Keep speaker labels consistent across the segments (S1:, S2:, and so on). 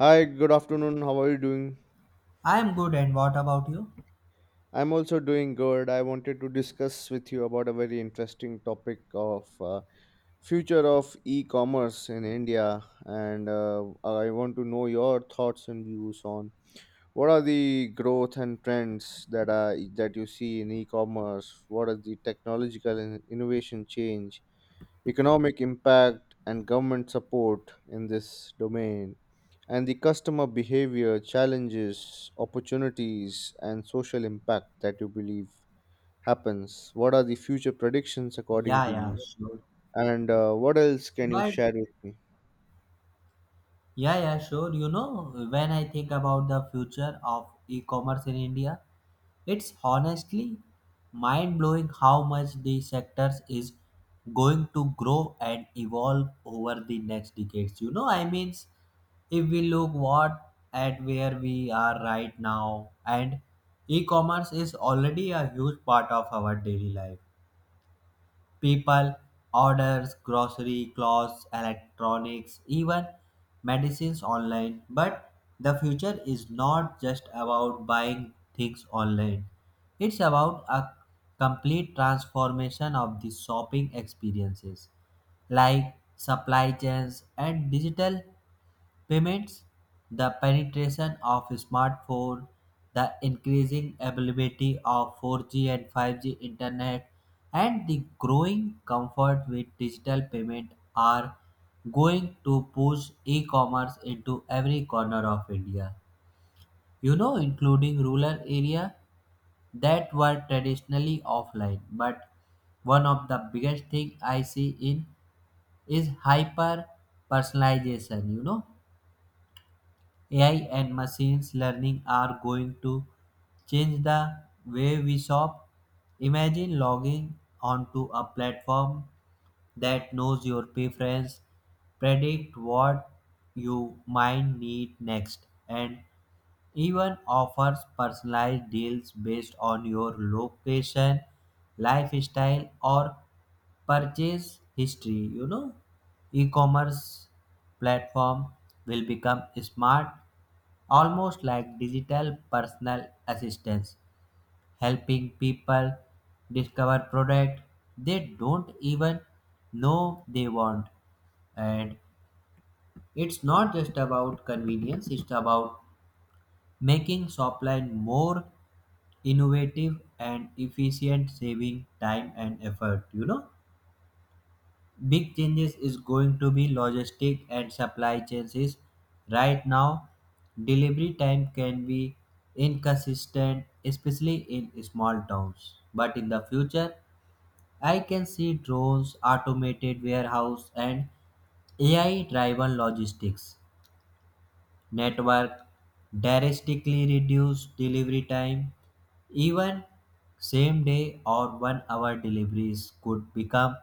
S1: Hi, good afternoon. How are you doing?
S2: I'm good, and what about you?
S1: I'm also doing good. I wanted to discuss with you about a very interesting topic of future of e-commerce in India, and I want to know your thoughts and views on what are the growth and trends that you see in e-commerce. What are the technological and innovation change economic impact, and government support in this domain, and the customer behavior challenges, opportunities, and social impact that you believe happens. What are the future predictions according
S2: Yeah,
S1: to
S2: yeah,
S1: you?
S2: sure.
S1: And what else can you
S2: But
S1: share with me?
S2: yeah, yeah, sure. You know, when I think about the future of e-commerce in India, it's honestly mind-blowing how much the sectors is going to grow and evolve over the next decades. If we look what at where we are right now, and e-commerce is already a huge part of our daily life. People orders grocery, clothes, electronics, even medicines online. But the future is not just about buying things online. It's about a complete transformation of the shopping experiences like supply chains and digital payments, the penetration of smartphones, the increasing availability of 4G and 5G internet, and the growing comfort with digital payment are going to push e-commerce into every corner of India. You know, including rural area that were traditionally offline. But one of the biggest thing I see in is hyper personalization. You know, AI and machines learning are going to change the way we shop. Imagine logging onto a platform that knows your preference, predict what you might need next, and even offers personalized deals based on your location, lifestyle, or purchase history. You know, e-commerce platform will become smart, almost like digital personal assistants, helping people discover products they don't even know they want. And it's not just about convenience, it's about making Shopline more innovative and efficient, saving time and effort, Big changes is going to be logistic and supply chains is right now delivery time can be inconsistent, especially in small towns, but in the future I can see drones, automated warehouse, and ai driven logistics network drastically reduce delivery time. Even same day or 1 hour deliveries could become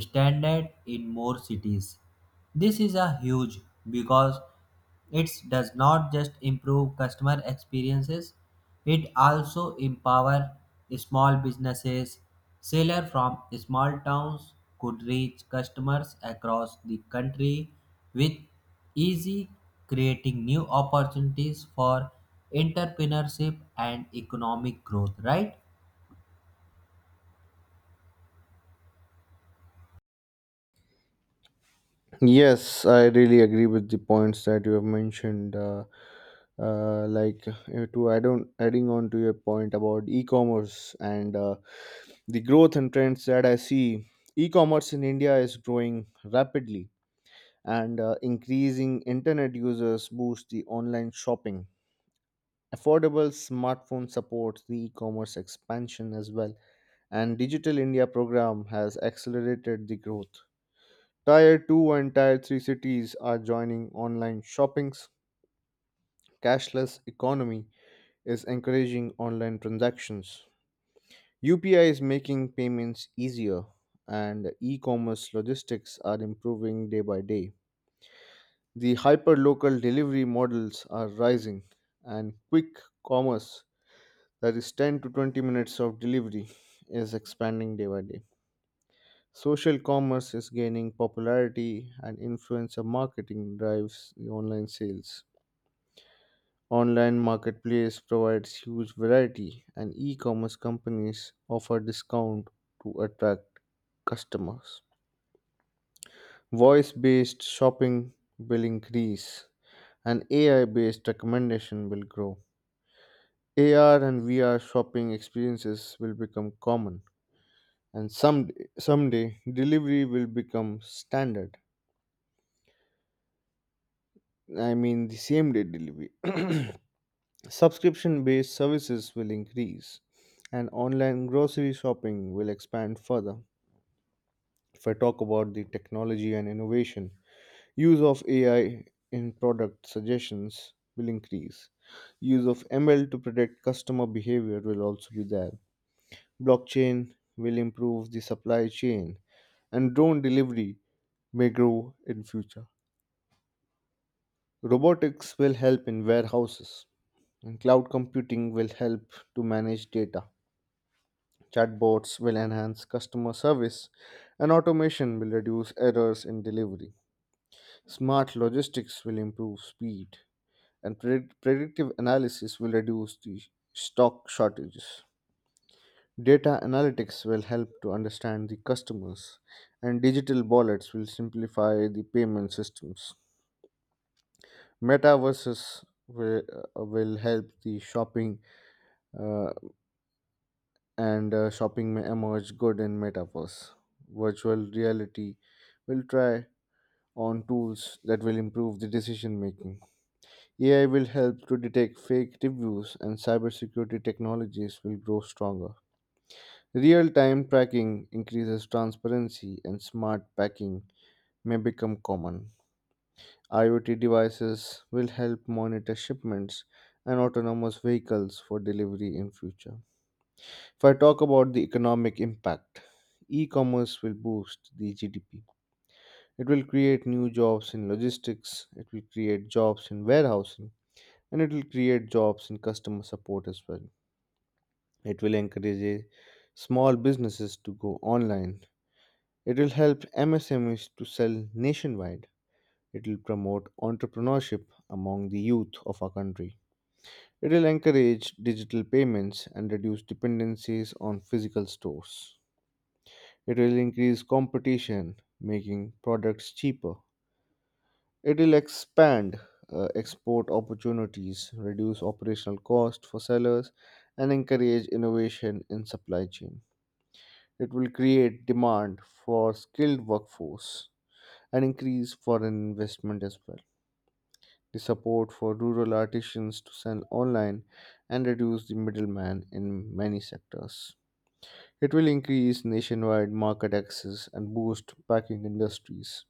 S2: standard in more cities. This is a huge because it does not just improve customer experiences, it also empower small businesses. Seller from small towns could reach customers across the country with easy, creating new opportunities for entrepreneurship and economic growth, right?
S1: Yes, I really agree with the points that you have mentioned. Adding on to your point about e-commerce and the growth and trends that I see, e-commerce in India is growing rapidly, and increasing internet users boost the online shopping. Affordable smartphone supports the e-commerce expansion as well, and Digital India program has accelerated the growth. Tier 2 and Tier 3 cities are joining online shoppings. Cashless economy is encouraging online transactions. UPI is making payments easier, and e-commerce logistics are improving day by day. The hyper-local delivery models are rising, and quick commerce, that is 10 to 20 minutes of delivery, is expanding day by day. Social commerce is gaining popularity, and influencer marketing drives the online sales. Online marketplace provides huge variety, and e-commerce companies offer discount to attract customers. Voice-based shopping will increase, and AI-based recommendation will grow. AR and VR shopping experiences will become common, and someday delivery will become standard. I mean the same day delivery. Subscription based services will increase, and online grocery shopping will expand further. If I talk about the technology and innovation, use of AI in product suggestions will increase. Use of ML to predict customer behavior will also be there. Blockchain will improve the supply chain, and drone delivery may grow in future. Robotics will help in warehouses, and cloud computing will help to manage data. Chatbots will enhance customer service, and automation will reduce errors in delivery. Smart logistics will improve speed, and predictive analysis will reduce the stock shortages. Data analytics will help to understand the customers, and digital wallets will simplify the payment systems. Metaverses will help the shopping, uh, and shopping may emerge good in metaverse. Virtual reality will try on tools that will improve the decision making. AI will help to detect fake reviews, and cybersecurity technologies will grow stronger. Real time tracking increases transparency, and smart packing may become common. IoT devices will help monitor shipments and autonomous vehicles for delivery in future. If I talk about the economic impact, e commerce will boost the GDP. It will create new jobs in logistics, it will create jobs in warehousing, and it will create jobs in customer support as well. It will encourage small businesses to go online. It will help MSMEs to sell nationwide. It will promote entrepreneurship among the youth of our country. It will encourage digital payments and reduce dependencies on physical stores. It will increase competition, making products cheaper. It will expand export opportunities, reduce operational cost for sellers, and encourage innovation in supply chain. It will create demand for skilled workforce and increase foreign investment as well. The support for rural artisans to sell online and reduce the middleman in many sectors. It will increase nationwide market access and boost packing industries.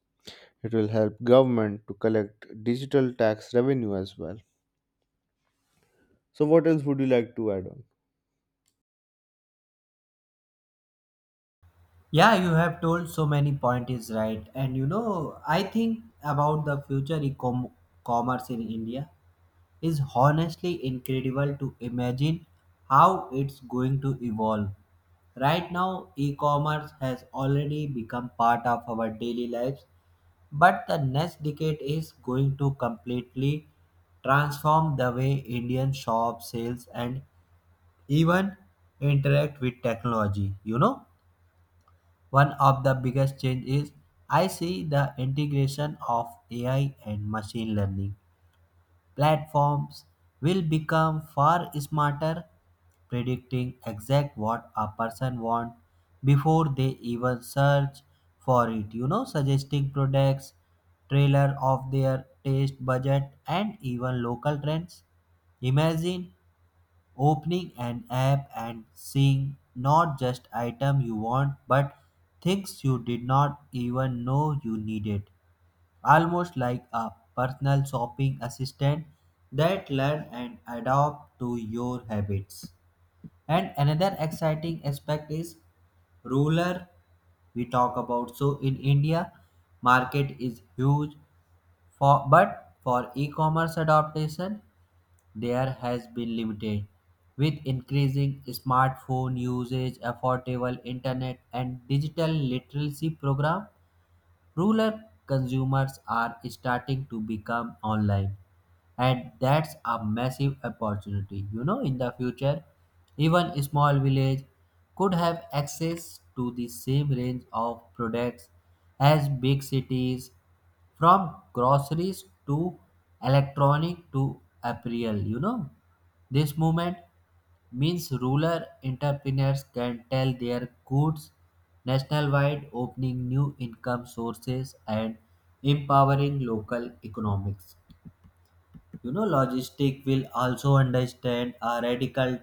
S1: It will help government to collect digital tax revenue as well. So what else would you like to add on?
S2: Yeah, you have told so many point is right. And you know, I think about the future commerce in India is honestly incredible to imagine how it's going to evolve. Right now, e-commerce has already become part of our daily lives, but the next decade is going to completely transform the way Indian shop sales and even interact with technology, you know? One of the biggest change is I see the integration of AI and machine learning. Platforms will become far smarter, predicting exact what a person wants before they even search for it. You know, suggesting products, trailer of their taste budget and even local trends. Imagine opening an app and seeing not just item you want but things you did not even know you needed. Almost like a personal shopping assistant that learn and adapt to your habits. And another exciting aspect is ruler we talk about. So in India, market is huge for but for e-commerce adaptation there has been limited. With increasing smartphone usage, affordable internet, and digital literacy program, rural consumers are starting to become online, and that's a massive opportunity. You know, in the future, even a small village could have access to the same range of products as big cities, from groceries to electronic to apparel. You know, this movement means rural entrepreneurs can sell their goods nationwide, opening new income sources and empowering local economics. You know, logistic will also understand a radical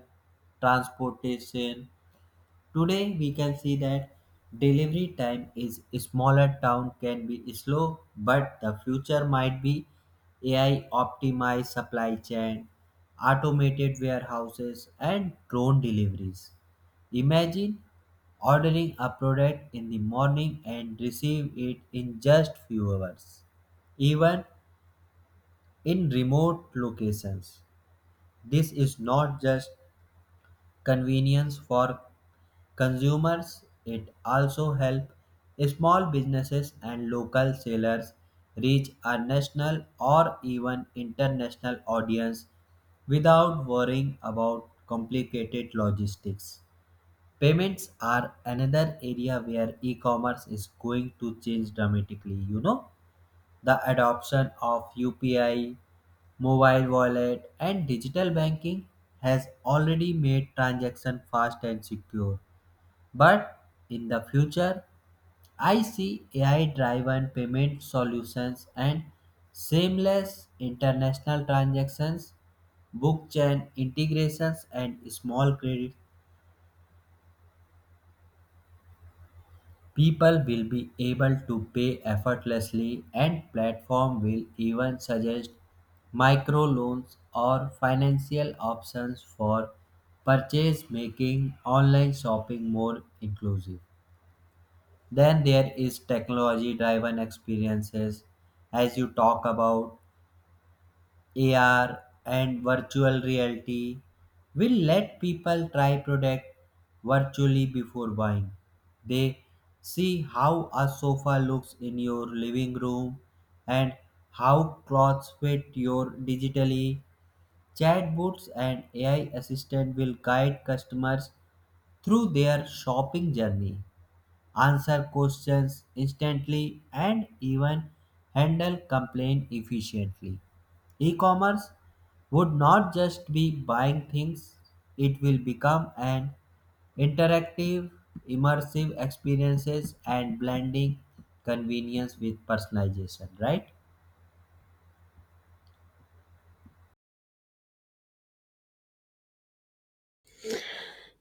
S2: transportation. Today we can see that delivery time is smaller town can be slow, but the future might be AI optimized supply chain, automated warehouses, and drone deliveries. Imagine ordering a product in the morning and receive it in just few hours, even in remote locations. This is not just convenience for consumers, it also helps small businesses and local sellers reach a national or even international audience without worrying about complicated logistics. Payments are another area where e commerce is going to change dramatically. You know, the adoption of UPI, mobile wallet, and digital banking has already made transaction fast and secure, but in the future, I see AI driven payment solutions and seamless international transactions, blockchain integrations, and small credit. People will be able to pay effortlessly, and platform will even suggest microloans or financial options for purchase, making online shopping more inclusive. Then there is technology driven experiences as you talk about. AR and virtual reality will let people try product virtually before buying. They see how a sofa looks in your living room and how clothes fit your digitally. Chatbots and AI assistant will guide customers through their shopping journey, answer questions instantly, and even handle complaint efficiently. E commerce would not just be buying things, it will become an interactive, immersive experiences and blending convenience with personalization, right?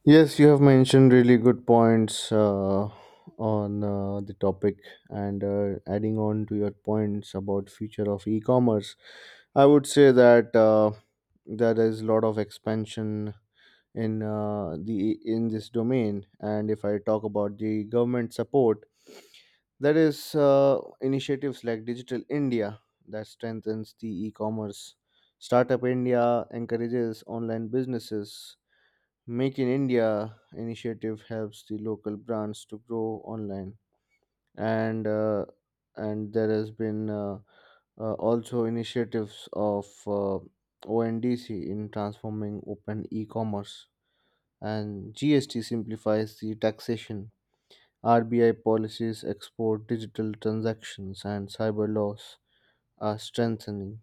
S1: Yes, you have mentioned really good points on the topic, and adding on to your points about future of e-commerce, I would say that there is a lot of expansion in the in this domain. And if I talk about the government support, there is initiatives like Digital India that strengthens the e-commerce. Startup India encourages online businesses. Make in India initiative helps the local brands to grow online, and uh, and there has been also initiatives of ONDC in transforming open e-commerce, and GST simplifies the taxation. RBI policies, export, digital transactions, and cyber laws are strengthening.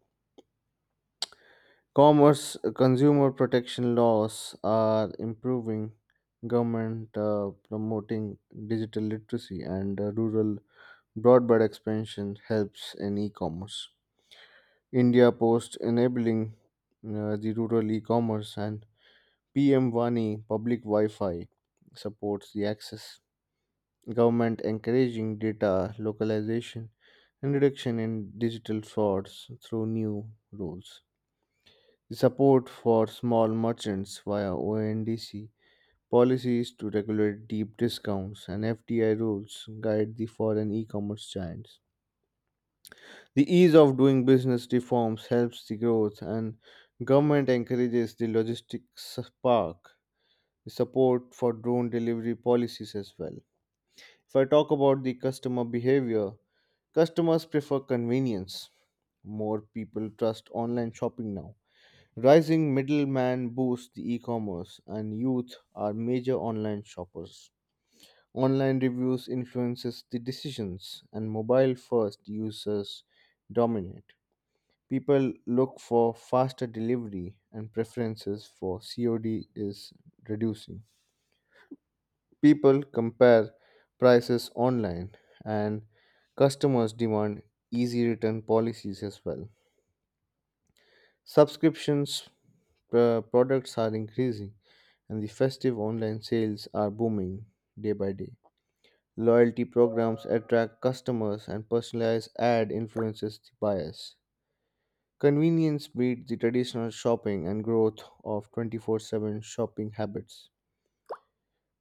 S1: Commerce, consumer protection laws are improving. Government promoting digital literacy, and rural broadband expansion helps in e-commerce. India Post enabling the rural e-commerce, and PM Vani public Wi-Fi supports the access. Government encouraging data localization and reduction in digital frauds through new rules. Support for small merchants via ONDC, policies to regulate deep discounts, and FDI rules guide the foreign e-commerce giants. The ease of doing business reforms helps the growth, and government encourages the logistics park. The support for drone delivery policies as well. If I talk about the customer behavior, customers prefer convenience. More people trust online shopping now. Rising middleman boosts the e-commerce, and youth are major online shoppers. Online reviews influences the decisions, and mobile first users dominate. People look for faster delivery, and preferences for COD is reducing. People compare prices online, and customers demand easy return policies as well. Subscriptions products are increasing, and the festive online sales are booming day by day. Loyalty programs attract customers, and personalized ad influences the buyers. Convenience beats the traditional shopping and growth of 24/7 shopping habits.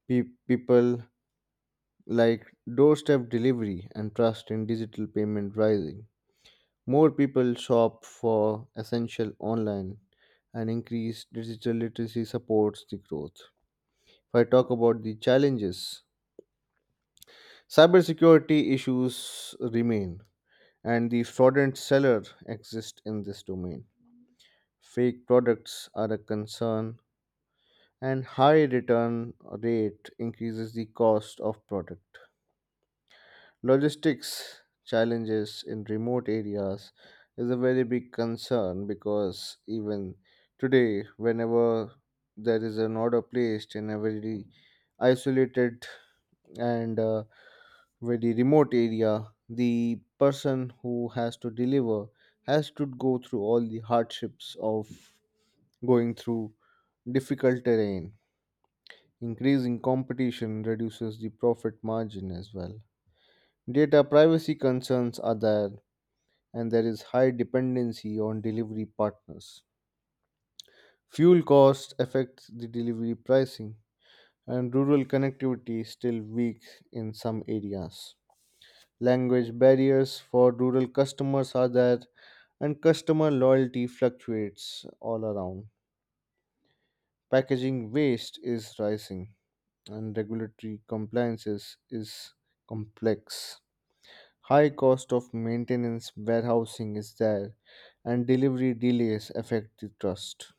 S1: People like doorstep delivery, and trust in digital payment rising. More people shop for essential online, and increased digital literacy supports the growth. If I talk about the challenges, cybersecurity issues remain, and the fraudulent seller exist in this domain. Fake products are a concern, and high return rate increases the cost of product. Logistics challenges in remote areas is a very big concern, because even today, whenever there is an order placed in a very isolated and very remote area, the person who has to deliver has to go through all the hardships of going through difficult terrain. Increasing competition reduces the profit margin as well. Data privacy concerns are there, and there is high dependency on delivery partners. Fuel costs affect the delivery pricing, and rural connectivity is still weak in some areas. Language barriers for rural customers are there, and customer loyalty fluctuates all around. Packaging waste is rising, and regulatory compliances is complex. High cost of maintenance, warehousing is there, and delivery delays affect the trust.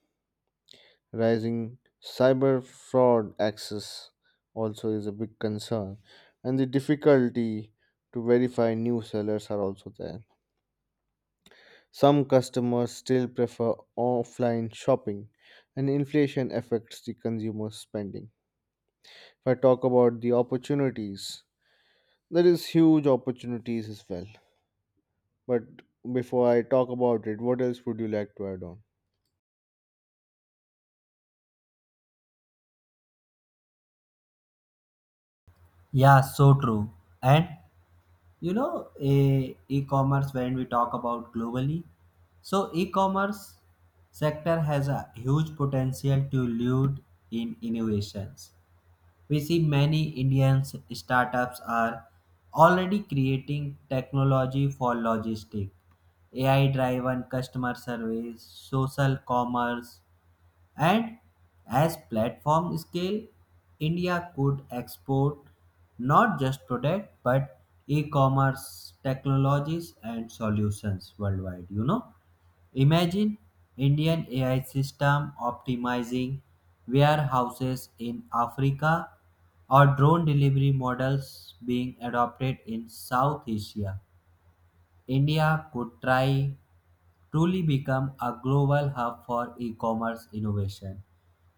S1: Rising cyber fraud access also is a big concern, and the difficulty to verify new sellers are also there. Some customers still prefer offline shopping, and inflation affects the consumer spending. If I talk about the opportunities, there is huge opportunities as well. But before I talk about it, what else would you like to add on?
S2: Yeah, so true. And you know e-commerce when we talk about globally, so e-commerce sector has a huge potential to lead in innovations. We see many indian startups are already creating technology for logistic, ai driven customer service, social commerce, and as platform scale, India could export not just product but e-commerce technologies and solutions worldwide. You know, imagine Indian AI system optimizing warehouses in Africa or drone delivery models being adopted in South Asia. India could try truly become a global hub for e-commerce innovation,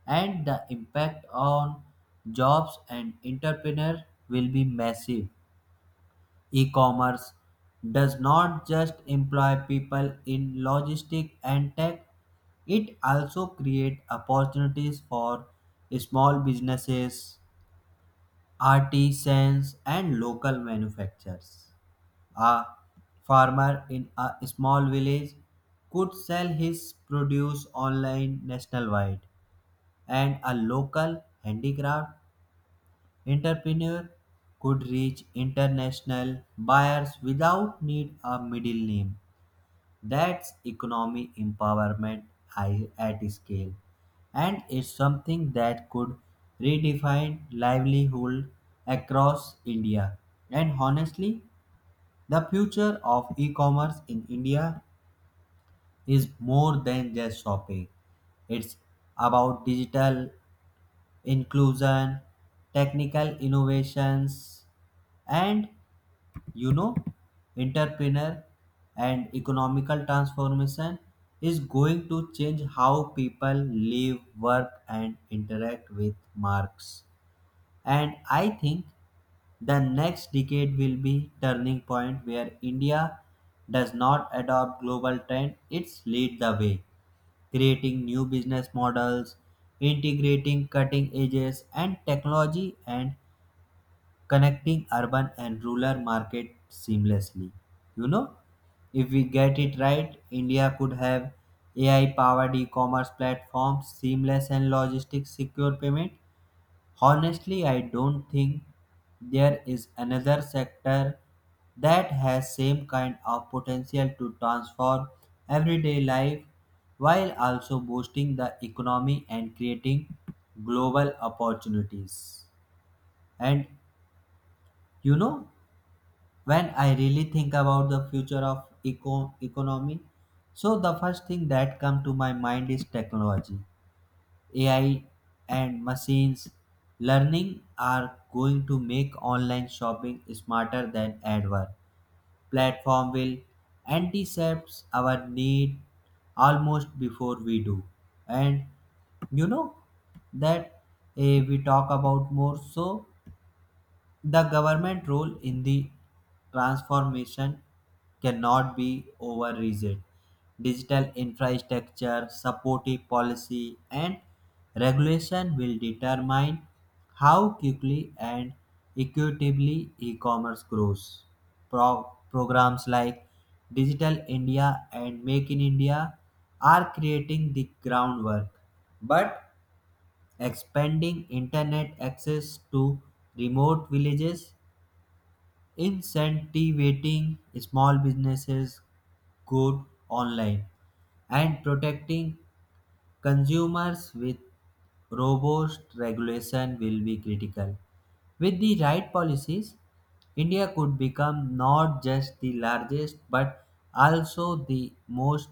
S2: and the impact on jobs and entrepreneurs will be massive. E-commerce does not just employ people in logistics and tech, it also creates opportunities for small businesses, artisans and local manufacturers. A farmer in a small village could sell his produce online nationwide, and a local handicraft entrepreneur could reach international buyers without need a middle name. That's economic empowerment at scale, and it's something that could redefine livelihood across India. And honestly, the future of e-commerce in India is more than just shopping. It's about digital inclusion, technical innovations, and, you know, entrepreneur and economical transformation is going to change how people live, work, and interact with marks. And I think the next decade will be turning point where India does not adopt global trend, it's lead the way, creating new business models, integrating cutting edges and technology and connecting urban and rural market seamlessly. You know, if we get it right, India could have AI powered e-commerce platforms, seamless and logistics secure payment. Honestly, I don't think there is another sector that has same kind of potential to transform everyday life while also boosting the economy and creating global opportunities. And you know, when I really think about the future of economy, so the first thing that come to my mind is technology. AI and machines learning are going to make online shopping smarter than ever. Platform will anticipate our need almost before we do. And you know that we talk about more so the government role in the transformation cannot be overrated. Digital infrastructure, supportive policy, and regulation will determine how quickly and equitably e-commerce grows. Programs like Digital India and Make in India are creating the groundwork, but expanding internet access to remote villages, incentivating small businesses good online, and protecting consumers with robust regulation will be critical. With the right policies, India could become not just the largest but also the most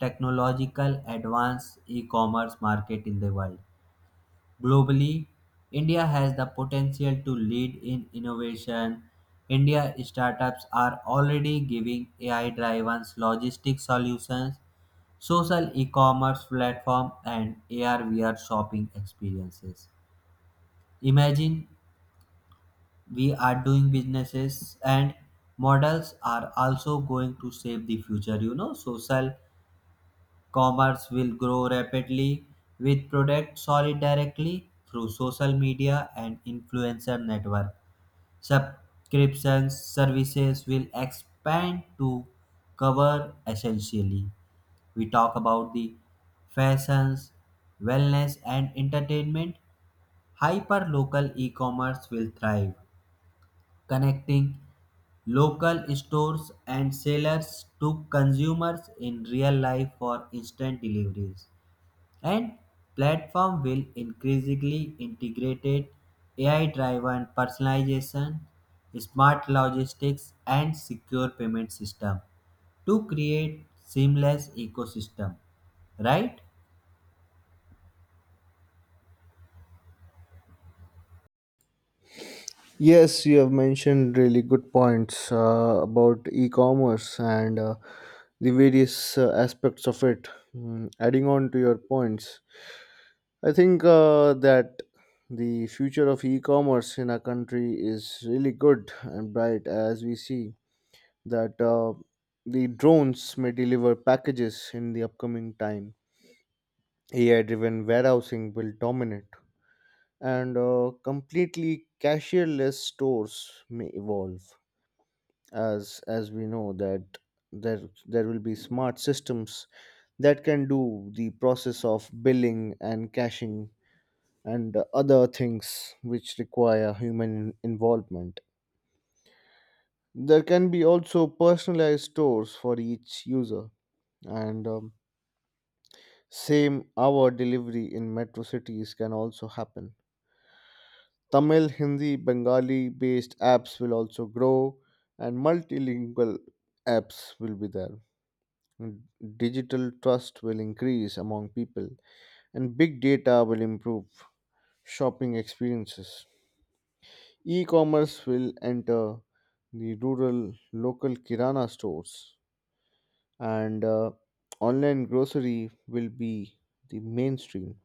S2: technological advanced e-commerce market in the world. Globally, India has the potential to lead in innovation. India startups are already giving AI driven logistics solutions, social e commerce platform, and AR VR shopping experiences. Imagine we are doing businesses and models are also going to shape the future. You know, social commerce will grow rapidly with products sold directly through social media and influencer network. Subscriptions services will expand to cover essentially. We talk about the fashions, wellness and entertainment. Hyper local e-commerce will thrive, connecting local stores and sellers to consumers in real life for instant deliveries, and platform will increasingly integrate AI-driven personalization, smart logistics, and secure payment system to create seamless ecosystem. Right?
S1: Yes, you have mentioned really good points about e commerce and the various aspects of it. Mm, adding on to your points, I think that the future of e commerce in our country is really good and bright, as we see that the drones may deliver packages in the upcoming time. AI driven warehousing will dominate, and completely cashierless stores may evolve, as we know that there will be smart systems that can do the process of billing and caching and other things which require human involvement. There can be also personalized stores for each user, and same hour delivery in metro cities can also happen. Tamil, Hindi, Bengali based apps will also grow, and multilingual apps will be there. And digital trust will increase among people, and big data will improve shopping experiences. E commerce will enter the rural local Kirana stores, and online grocery will be the mainstream.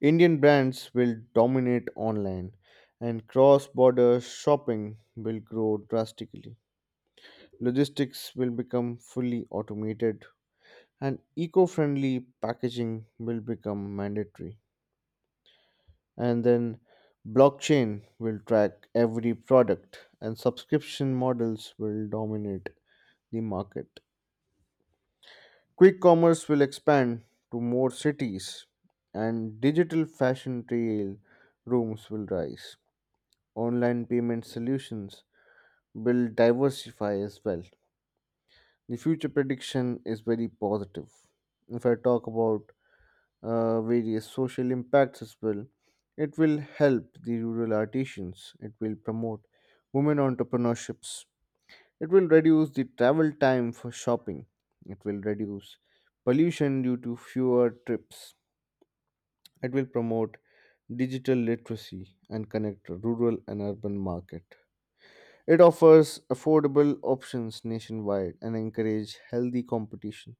S1: Indian brands will dominate online, and cross border shopping will grow drastically. Logistics will become fully automated, and eco friendly packaging will become mandatory. And then blockchain will track every product, and subscription models will dominate the market. Quick commerce will expand to more cities, and digital fashion trail rooms will rise. Online payment solutions will diversify as well. The future prediction is very positive. If I talk about various social impacts as well, it will help the rural artisans, it will promote women entrepreneurships, it will reduce the travel time for shopping, it will reduce pollution due to fewer trips, it will promote digital literacy and connect rural and urban market. It offers affordable options nationwide and encourages healthy competition.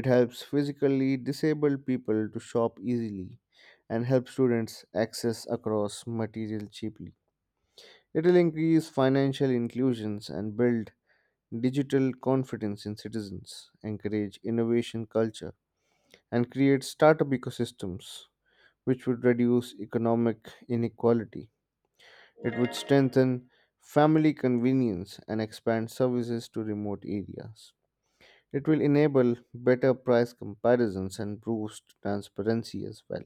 S1: It helps physically disabled people to shop easily and help students access across material cheaply. It will increase financial inclusions and build digital confidence in citizens, encourage innovation culture, and create startup ecosystems which would reduce economic inequality. It would strengthen family convenience and expand services to remote areas. It will enable better price comparisons and boost transparency as well.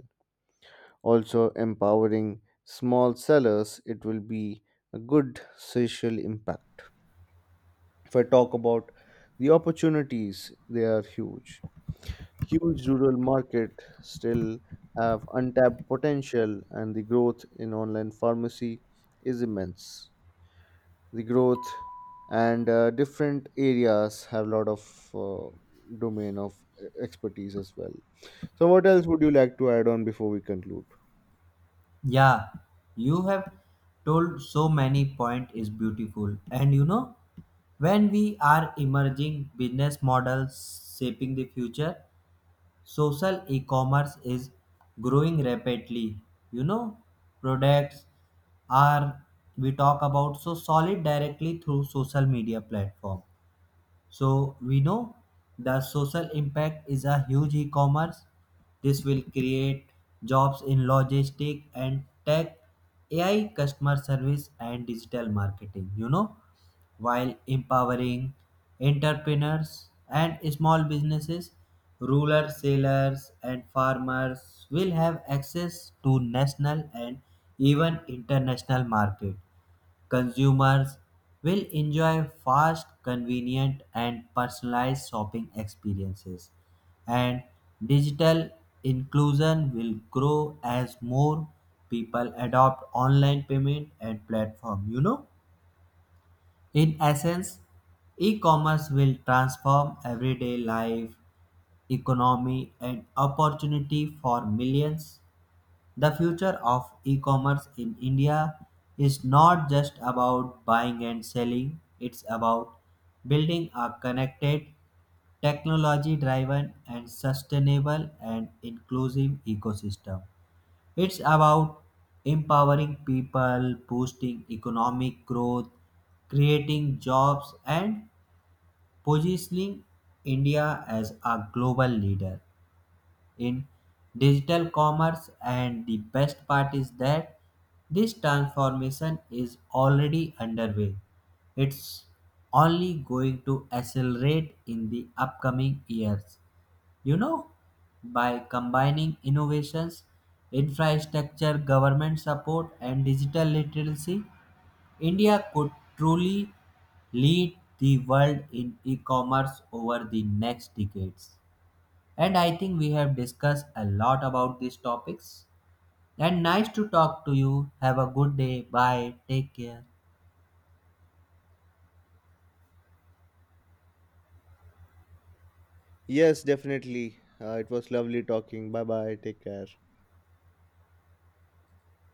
S1: Also, empowering small sellers, it will be a good social impact. If I talk about the opportunities, they are huge. Huge rural market still have untapped potential, and the growth in online pharmacy is immense. The growth and different areas have a lot of uh, domain of expertise as well. So what else would you like to add on before we conclude?
S2: Yeah, you have told so many point is beautiful, and you know when we are emerging business models shaping the future, social e-commerce is growing rapidly. You know, products are we talk about so solid directly through social media platform, so we know the social impact is a huge e-commerce. This will create jobs in logistic and tech, AI customer service and digital marketing, you know, while empowering entrepreneurs and small businesses, rural sailors and farmers will have access to national and even international market. Consumers will enjoy fast, convenient, and personalized shopping experiences, and digital inclusion will grow as more people adopt online payment and platform. You know, in essence e-commerce will transform everyday life, economy and opportunity for millions. The future of e-commerce in India is not just about buying and selling, it's about building a connected, technology driven and sustainable and inclusive ecosystem. It's about empowering people, boosting economic growth, creating jobs and positioning India as a global leader in digital commerce, and the best part is that this transformation is already underway. It's only going to accelerate in the upcoming years. You know, by combining innovations, infrastructure, government support, and digital literacy, India could truly lead the world in e commerce over the next decades. And I think we have discussed a lot about these topics. And nice to talk to you. Have a good day. Bye. Take care.
S1: Yes, definitely, it was lovely talking. Bye bye, take care.